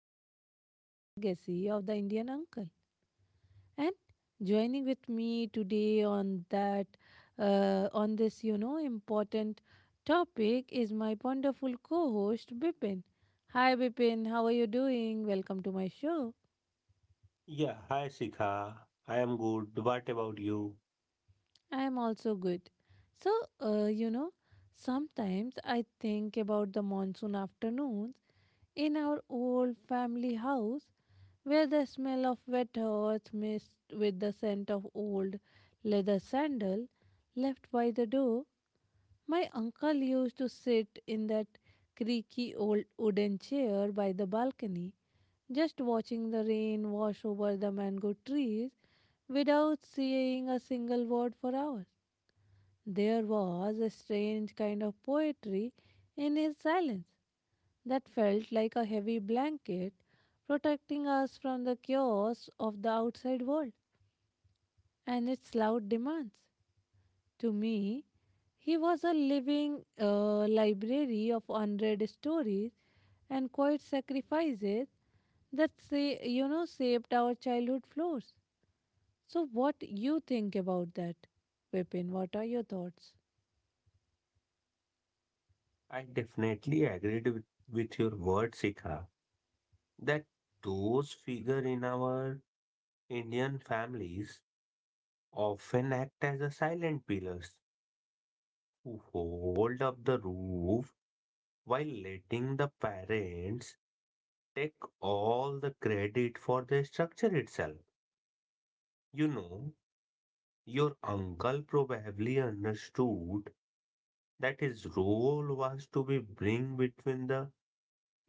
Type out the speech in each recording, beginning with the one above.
unspoken legacy of the Indian uncle. And joining with me today on that, on this, you know, important topic is my wonderful co host, Bipin. Hi, Bipin, how are you doing? Welcome to my show. Yeah, hi Sika. I am good. What about you? I am also good. So, you know, sometimes I think about the monsoon afternoons in our old family house where the smell of wet earth mixed with the scent of old leather sandal left by the door. My uncle used to sit in that creaky old wooden chair by the balcony, just watching the rain wash over the mango trees without saying a single word for hours. There was a strange kind of poetry in his silence that felt like a heavy blanket protecting us from the chaos of the outside world and its loud demands. To me, he was a living library of unread stories and quiet sacrifices that say, you know, shaped our childhood floors. So what you think about that, Vipin? What are your thoughts? I definitely agreed with your word, Sika, that those figure in our Indian families often act as a silent pillars who hold up the roof while letting the parents take all the credit for the structure itself. You know, your uncle probably understood that his role was to be bring between the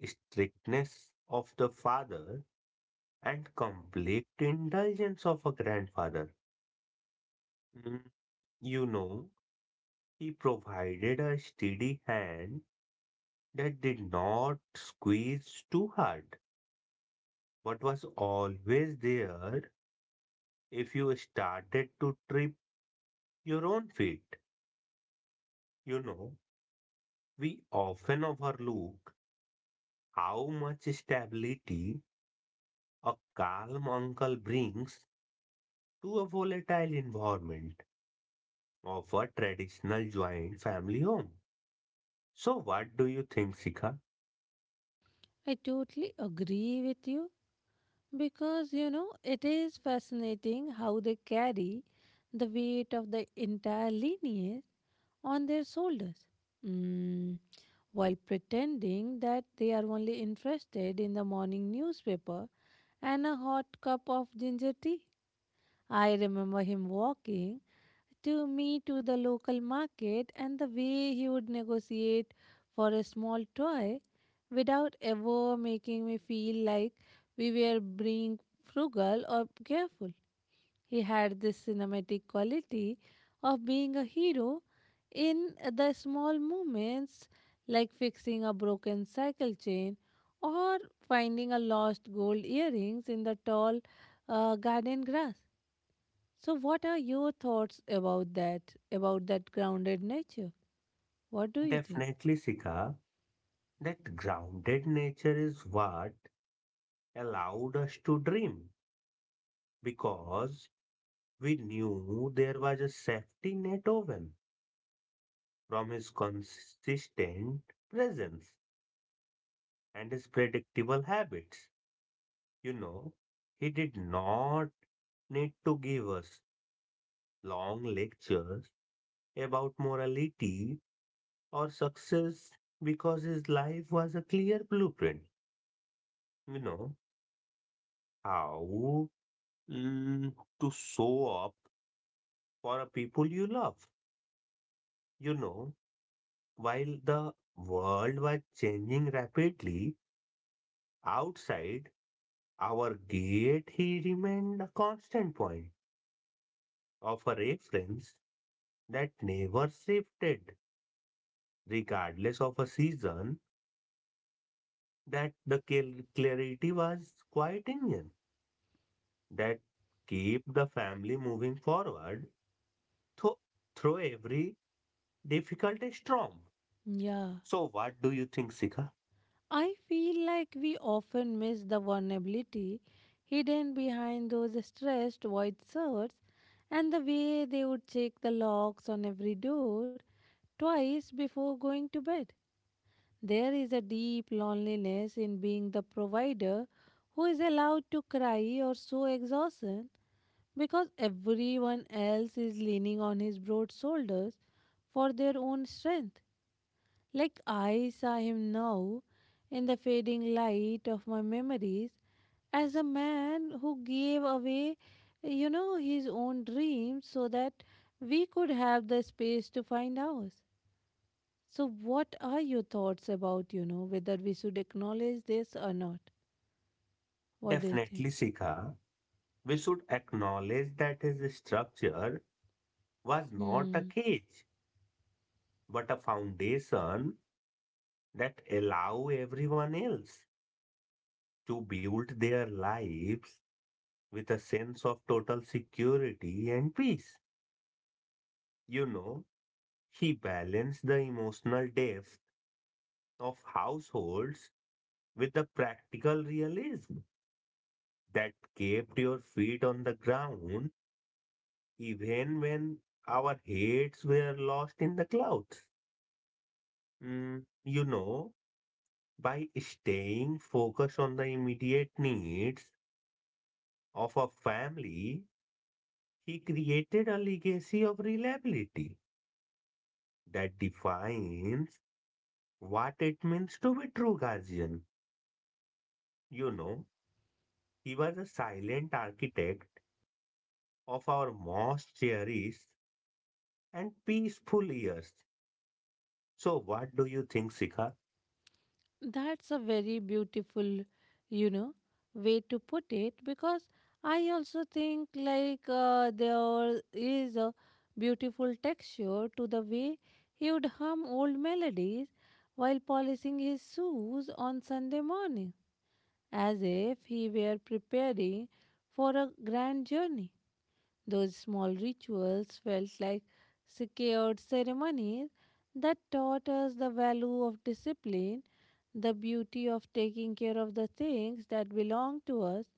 strictness of the father and complete indulgence of a grandfather. Mm, You know, he provided a steady hand that did not squeeze too hard, but was always there if you started to trip your own feet. You know, we often overlook how much stability a calm uncle brings to a volatile environment of a traditional joint family home. So, what do you think, Sika? I totally agree with you, because you know it is fascinating how they carry the weight of the entire lineage on their shoulders, mm, while pretending that they are only interested in the morning newspaper and a hot cup of ginger tea. I remember him walking to me to the local market and the way he would negotiate for a small toy without ever making me feel like we were being frugal or careful. He had this cinematic quality of being a hero in the small moments, like fixing a broken cycle chain or finding a lost gold earrings in the tall garden grass. So, what are your thoughts about that? About that grounded nature? What do you think? Definitely, Sika, that grounded nature is what allowed us to dream because we knew there was a safety net woven from his consistent presence and his predictable habits. You know, he did not need to give us long lectures about morality or success because his life was a clear blueprint. You know how mm, to show up for a people you love. You know, while the world was changing rapidly outside our gate, he remained a constant point of a reference that never shifted, regardless of a season. That the clarity was quite Indian that keep the family moving forward tho- through every difficult storm. Yeah, So, what do you think, Sika? I feel like we often miss the vulnerability hidden behind those stressed white shirts and the way they would check the locks on every door twice before going to bed. There is a deep loneliness in being the provider who is allowed to cry or show exhaustion because everyone else is leaning on his broad shoulders for their own strength. Like I saw him now in the fading light of my memories as a man who gave away, you know, his own dreams so that we could have the space to find ours. So, what are your thoughts about, you know, whether we should acknowledge this or not? What do you think? Definitely, Sika. We should acknowledge that his structure was not a Hmm. cage, but a foundation that allow everyone else to build their lives with a sense of total security and peace. You know, he balanced the emotional depth of households with the practical realism that kept your feet on the ground even when our heads were lost in the clouds. Mm, you know, by staying focused on the immediate needs of a family, he created a legacy of reliability that defines what it means to be true guardian. You know, he was a silent architect of our most cherished and peaceful years. So, what do you think, Sika? That's a very beautiful, you know, way to put it, because I also think like there is a beautiful texture to the way he would hum old melodies while polishing his shoes on Sunday morning, as if he were preparing for a grand journey. Those small rituals felt like secured ceremonies that taught us the value of discipline, the beauty of taking care of the things that belong to us.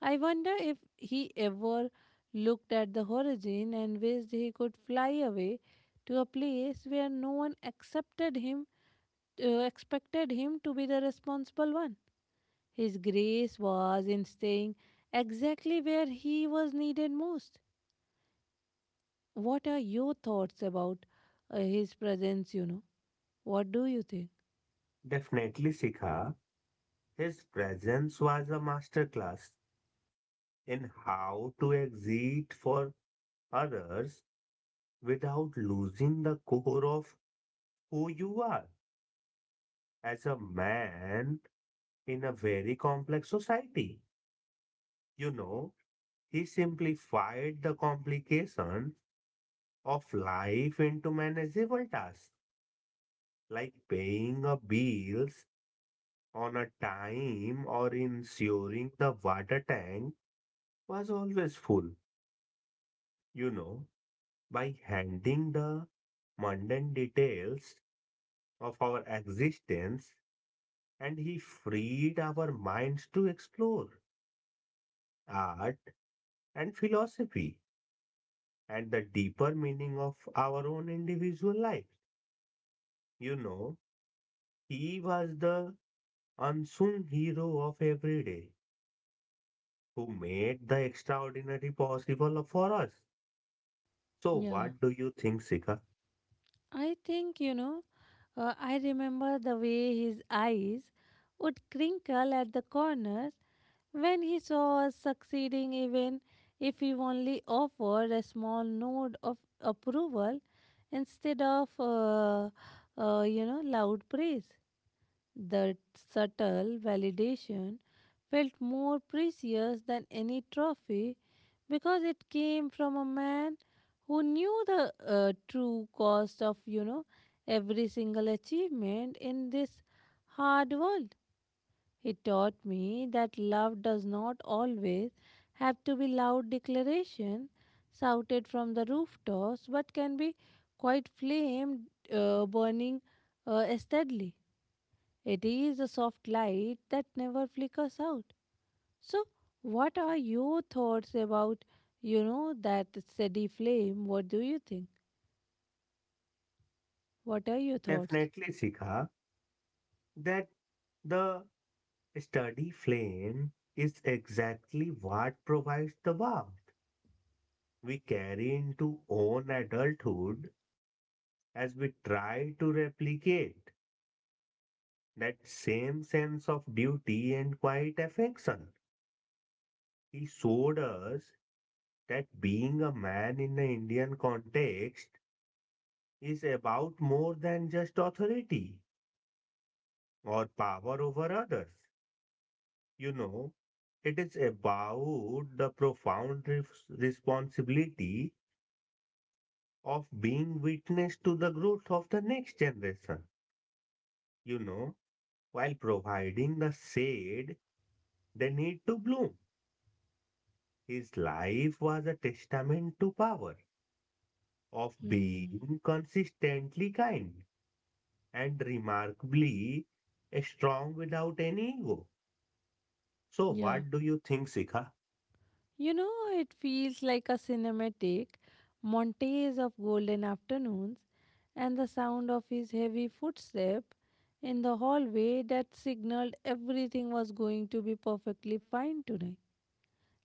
I wonder if he ever looked at the horizon and wished he could fly away to a place where no one accepted him expected him to be the responsible one. His grace was in staying exactly where he was needed most. What are your thoughts about his presence, you know? What do you think? Definitely, Sika. His presence was a masterclass in how to exit for others without losing the core of who you are as a man in a very complex society. You know, he simplified the complication of life into manageable tasks like paying a bills on a time or ensuring the water tank was always full, you know, by handing the mundane details of our existence, and he freed our minds to explore art and philosophy and the deeper meaning of our own individual lives. You know, he was the unsung hero of every day who made the extraordinary possible for us. So, Yeah. what do you think, Sika? I think, you know, I remember the way his eyes would crinkle at the corners when he saw us succeeding, even if he only offered a small nod of approval instead of, you know, loud praise. That subtle validation felt more precious than any trophy because it came from a man who knew the true cost of, you know, every single achievement in this hard world. He taught me that love does not always have to be loud declaration shouted from the rooftops, but can be quite flame burning steadily. It is a soft light that never flickers out. So, what are your thoughts about, you know, that steady flame? What do you think? What are your thoughts? Definitely, Sika, that the Study flame is exactly what provides the warmth we carry into own adulthood as we try to replicate that same sense of duty and quiet affection. He showed us that being a man in the Indian context is about more than just authority or power over others. You know, it is about the profound responsibility of being witness to the growth of the next generation, you know, while providing the shade they need to bloom. His life was a testament to power of Hmm. being consistently kind and remarkably strong without any ego. So, Yeah. what do you think, Sikha? You know, it feels like a cinematic montage of golden afternoons and the sound of his heavy footstep in the hallway that signaled everything was going to be perfectly fine tonight.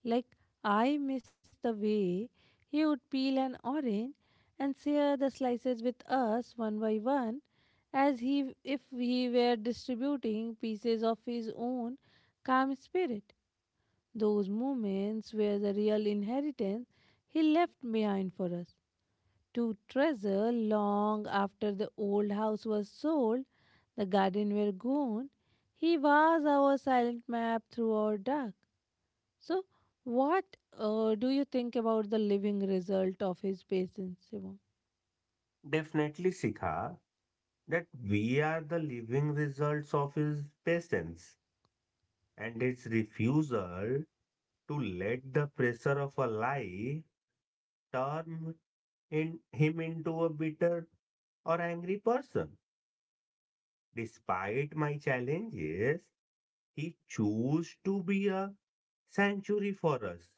Like I miss the way he would peel an orange and share the slices with us one by one, as he if he were distributing pieces of his own calm spirit. Those moments were the real inheritance he left behind for us to treasure long after the old house was sold, the garden were gone. He was our silent map through our dark, so, what do you think about the living result of his patience, Shivam? Definitely, Sikha, that we are the living results of his patience and his refusal to let the pressure of a life turn in him into a bitter or angry person. Despite my challenges, he chose to be a sanctuary for us,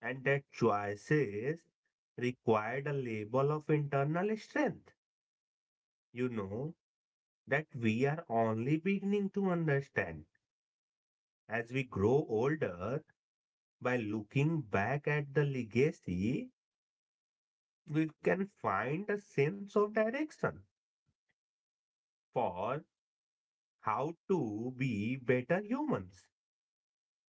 and that choices required a level of internal strength. You know, that we are only beginning to understand as we grow older. By looking back at the legacy we can find a sense of direction for how to be better humans,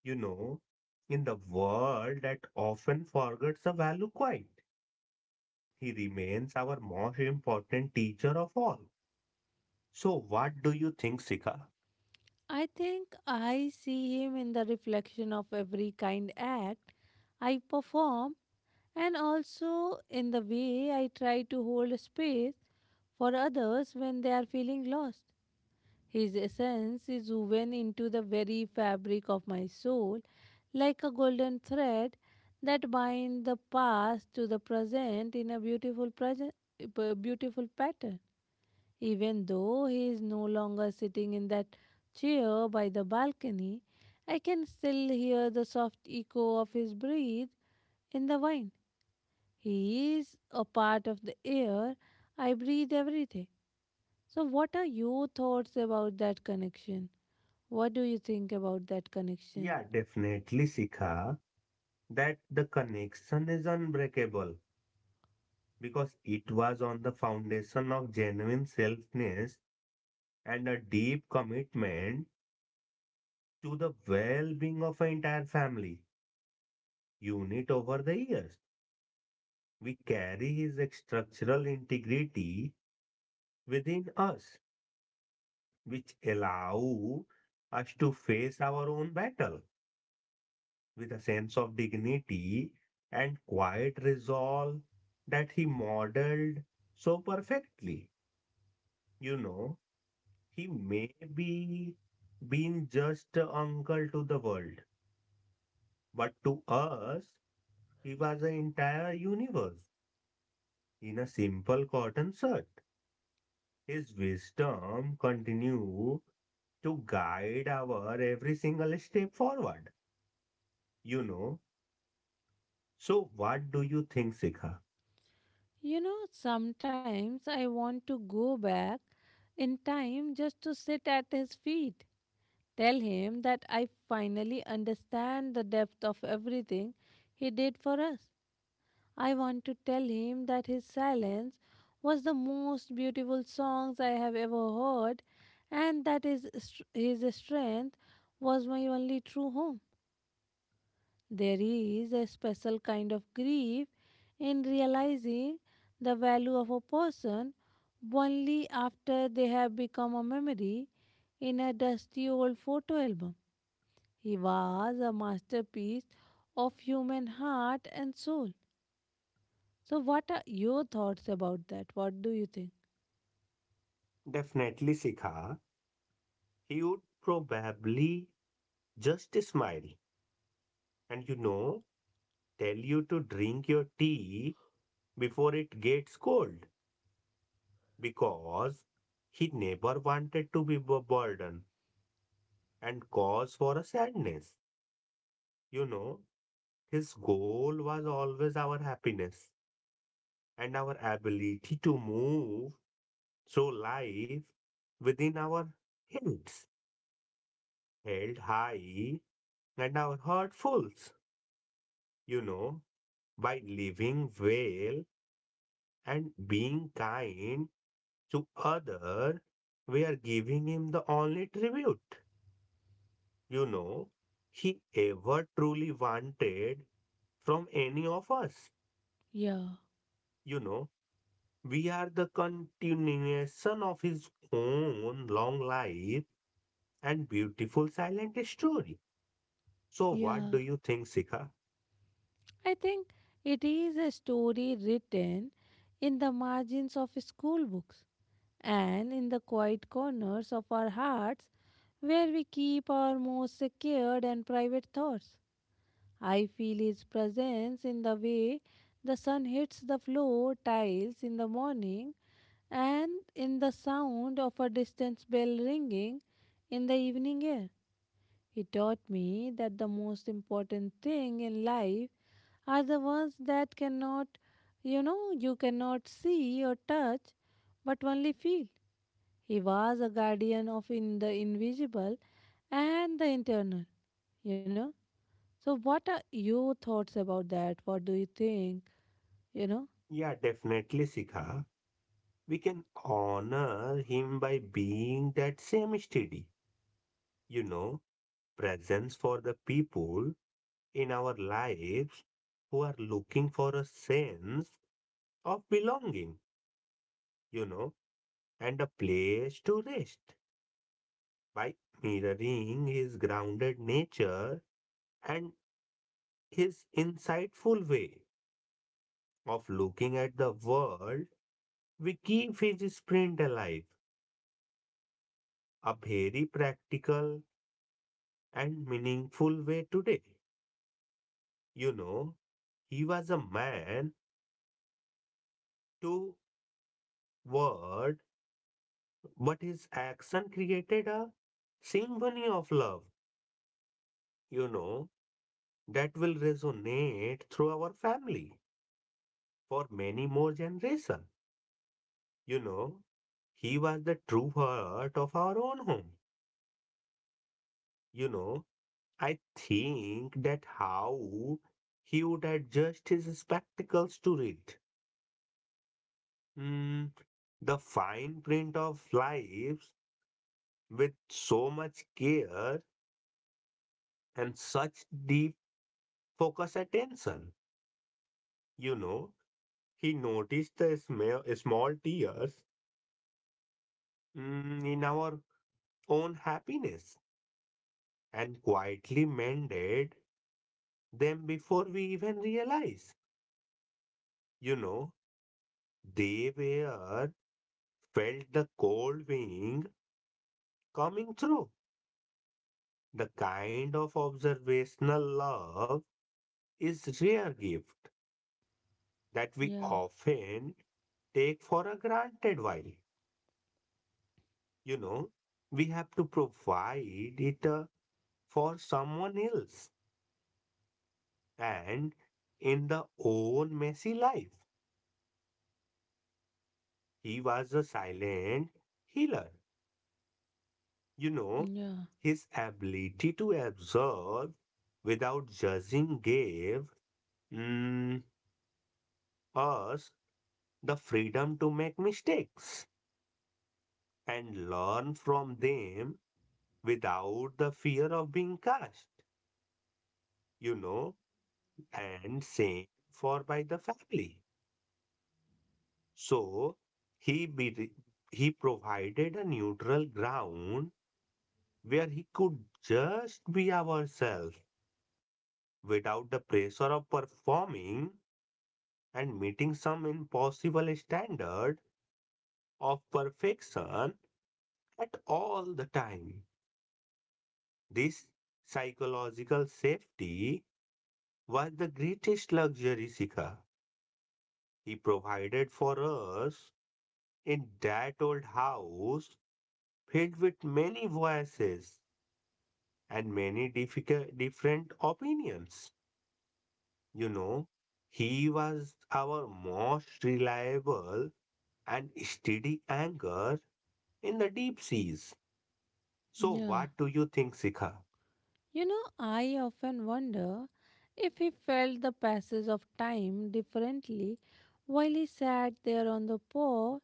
you know, in the world that often forgets the value quite. He remains our most important teacher of all. So, what do you think, Sika? I think I see him in the reflection of every kind act I perform and also in the way I try to hold space for others when they are feeling lost. His essence is woven into the very fabric of my soul, like a golden thread that binds the past to the present in a beautiful present, beautiful pattern. Even though he is no longer sitting in that chair by the balcony, I can still hear the soft echo of his breath in the wind. He is a part of the air I breathe every day. So, what are your thoughts about that connection? What do you think about that connection? Yeah, definitely, Sika, that the connection is unbreakable because it was on the foundation of genuine selfness and a deep commitment to the well being of an entire family unit over the years. We carry his structural integrity within us, which allow us to face our own battle with a sense of dignity and quiet resolve that he modeled so perfectly. You know, he may be been just a uncle to the world, but to us, he was an entire universe in a simple cotton shirt. His wisdom continued to guide our every single step forward, you know. So, what do you think, Sikha? You know, sometimes I want to go back in time just to sit at his feet, tell him that I finally understand the depth of everything he did for us. I want to tell him that his silence was the most beautiful songs I have ever heard and that his strength was my only true home. There is a special kind of grief in realizing the value of a person only after they have become a memory in a dusty old photo album. He was a masterpiece of human heart and soul. So, what are your thoughts about that? What do you think? Definitely, Sikha. He would probably just smile and, you know, tell you to drink your tea before it gets cold because he never wanted to be a burden and cause for a sadness. You know, his goal was always our happiness and our ability to move. So life within our heads held high and our heart full, you know, by living well and being kind to other, we are giving him the only tribute, you know, he ever truly wanted from any of us. Yeah, You know, we are the continuation of his own long life and beautiful silent story. So, what yeah. do you think, Sika? I think it is a story written in the margins of school books and in the quiet corners of our hearts where we keep our most secured and private thoughts. I feel his presence in the way the sun hits the floor tiles in the morning and in the sound of a distant bell ringing in the evening air. He taught me that the most important thing in life are the ones that cannot, you know, you cannot see or touch, but only feel. He was a guardian of in the invisible and the internal, you know. So, what are your thoughts about that? What do you think, you know? Yeah, definitely, Sika. We can honor him by being that same steady, you know, presence for the people in our lives who are looking for a sense of belonging, you know, and a place to rest. By mirroring his grounded nature and his insightful way of looking at the world, we keep his sprint alive a very practical and meaningful way today. You know, he was a man to word, but his action created a symphony of love, you know, that will resonate through our family for many more generations. You know, he was the true heart of our own home. You know, I think that how he would adjust his spectacles to read. Hmm. The fine print of lives with so much care and such deep focus attention. You know, he noticed the small, small tears in our own happiness and quietly mended them before we even realize. You know, they were felt the cold wind coming through. The kind of observational love is rare gift that we Yeah, often take for a granted while, you know, we have to provide it for someone else, and in the own messy life he was a silent healer, you know. yeah, His ability to observe without judging gave mm, us the freedom to make mistakes and learn from them without the fear of being cast, you know, and same for by the family. So he be, he provided a neutral ground where he could just be ourselves without the pressure of performing and meeting some impossible standard of perfection at all the time. This psychological safety was the greatest luxury, Sika, he provided for us in that old house filled with many voices and many difficult, different opinions. You know, he was our most reliable and steady anchor in the deep seas. So, yeah. what do you think, Sikha? You know, I often wonder if he felt the passage of time differently while he sat there on the porch,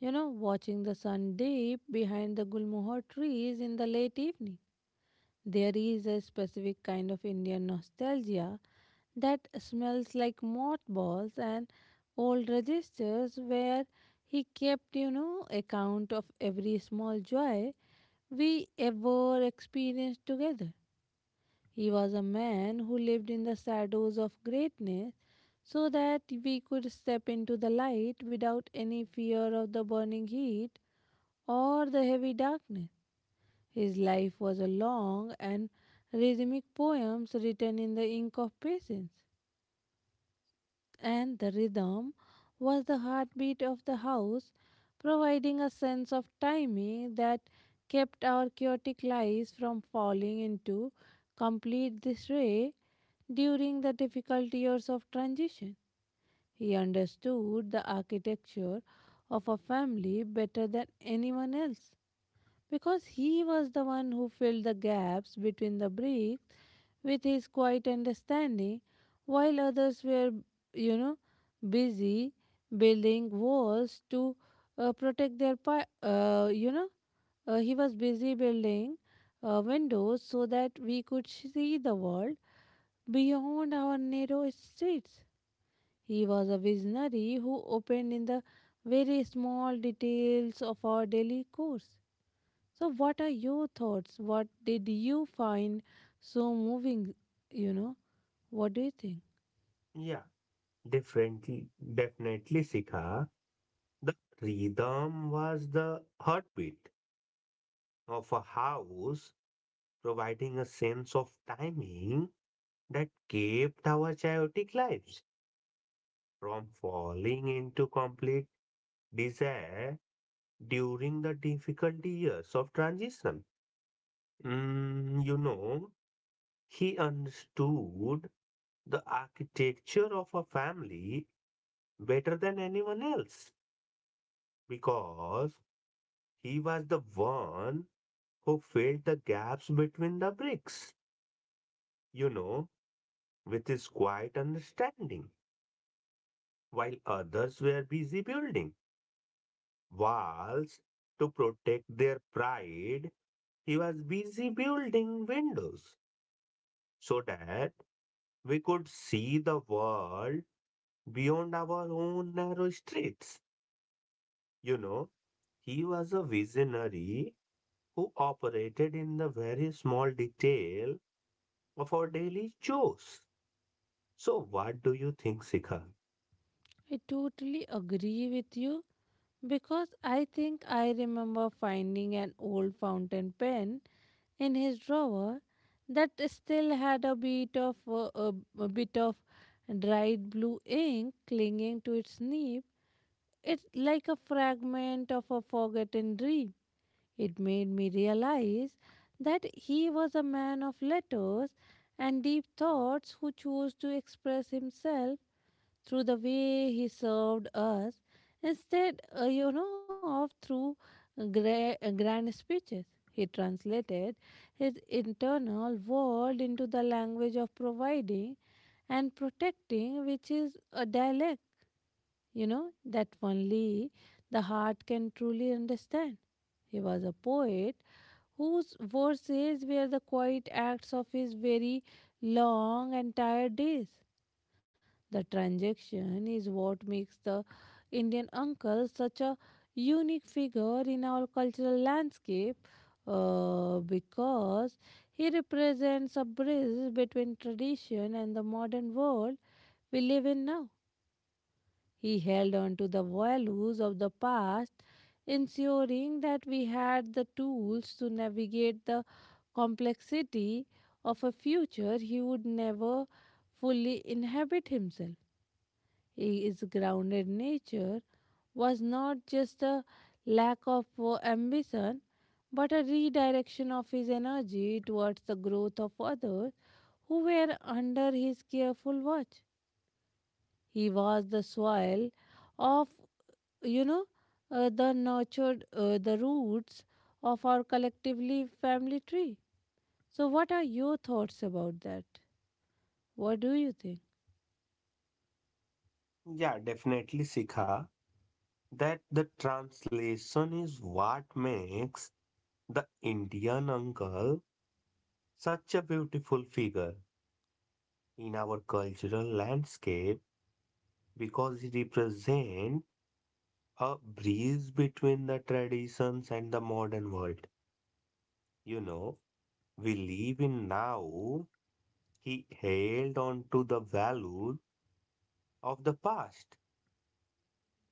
you know, watching the sun dip behind the gulmohar trees in the late evening. There is a specific kind of Indian nostalgia that smells like mothballs and old registers where he kept, you know, account of every small joy we ever experienced together. He was a man who lived in the shadows of greatness so that we could step into the light without any fear of the burning heat or the heavy darkness. His life was a long and rhythmic poems written in the ink of patience, and the rhythm was the heartbeat of the house, providing a sense of timing that kept our chaotic lives from falling into complete disarray during the difficult years of transition. He understood the architecture of a family better than anyone else because he was the one who filled the gaps between the bricks with his quiet understanding while others were, you know, busy building walls to protect their you know, he was busy building windows so that we could see the world beyond our narrow streets. He was a visionary who opened in the very small details of our daily course. So, what are your thoughts? What did you find so moving? You know, what do you think? Yeah, definitely, definitely, Sikha. The rhythm was the heartbeat of a house, providing a sense of timing that kept our chaotic lives from falling into complete despair during the difficult years of transition. Mm, you know, he understood the architecture of a family better than anyone else because he was the one who filled the gaps between the bricks, you know, with his quiet understanding, while others were busy building walls to protect their pride. He was busy building windows so that we could see the world beyond our own narrow streets. You know, he was a visionary who operated in the very small detail of our daily chores. So, what do you think, Sikha? I totally agree with you because I think I remember finding an old fountain pen in his drawer that still had a bit of a bit of dried blue ink clinging to its nib. It's like a fragment of a forgotten dream. It made me realize that he was a man of letters and deep thoughts who chose to express himself through the way he served us instead, you know, of through grand speeches. He translated his internal world into the language of providing and protecting, which is a dialect, you know, that only the heart can truly understand. He was a poet whose verses were the quiet acts of his very long and tired days. The transaction is what makes the Indian uncle such a unique figure in our cultural landscape, because he represents a bridge between tradition and the modern world we live in now. He held on to the values of the past, ensuring that we had the tools to navigate the complexity of a future he would never fully inhabit himself. His grounded nature was not just a lack of ambition, but a redirection of his energy towards the growth of others who were under his careful watch. He was the soil of, you know, the nurtured, the roots of our collectively family tree. So, what are your thoughts about that? What do you think? Yeah, definitely, Sikha, that the translation is what makes the Indian uncle such a beautiful figure in our cultural landscape because he represents a breeze between the traditions and the modern world, you know, we live in now. He held on to the values of the past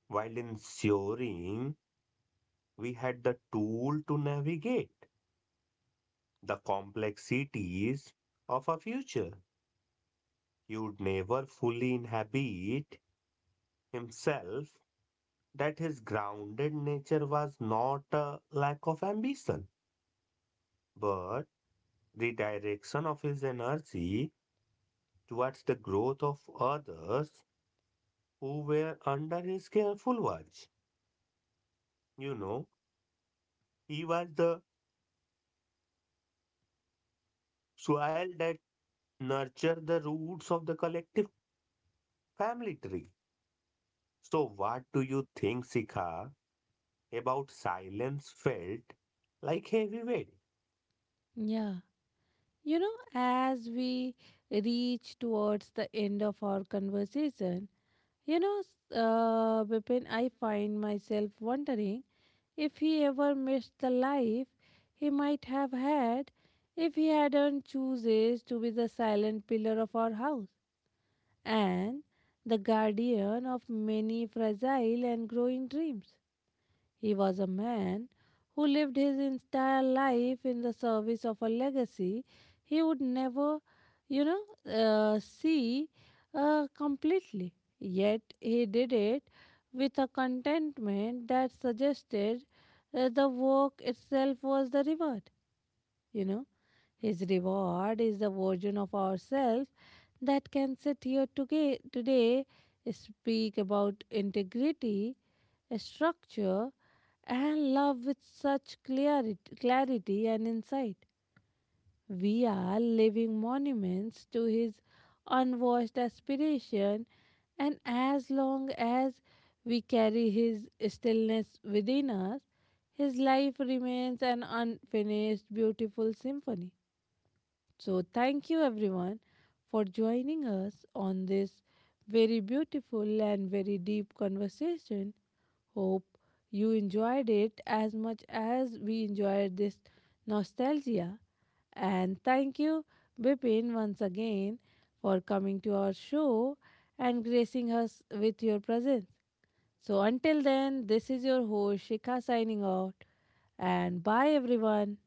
while ensuring we had the tool to navigate the complexities of a future. He would never fully inhabit himself that his grounded nature was not a lack of ambition, but the direction of his energy towards the growth of others who were under his careful watch. You know, he was the soil that nurtured the roots of the collective family tree. So, what do you think, Sikha, about silence felt like heavy weight Yeah. You know, as we reach towards the end of our conversation, you know, Bipin, I find myself wondering if he ever missed the life he might have had if he hadn't chooses to be the silent pillar of our house and the guardian of many fragile and growing dreams. He was a man who lived his entire life in the service of a legacy he would never, you know, see completely. Yet he did it with a contentment that suggested the work itself was the reward. You know, his reward is the version of ourselves that can sit here today, speak about integrity, a structure, and love with such clarity and insight. We are living monuments to his unwashed aspiration, and as long as we carry his stillness within us, his life remains an unfinished, beautiful symphony. So, thank you everyone for joining us on this very beautiful and very deep conversation. Hope you enjoyed it as much as we enjoyed this nostalgia. And thank you, Bipin, once again for coming to our show and gracing us with your presence. So, until then, this is your host Shikha signing out, and bye everyone.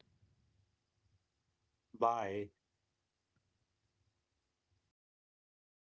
by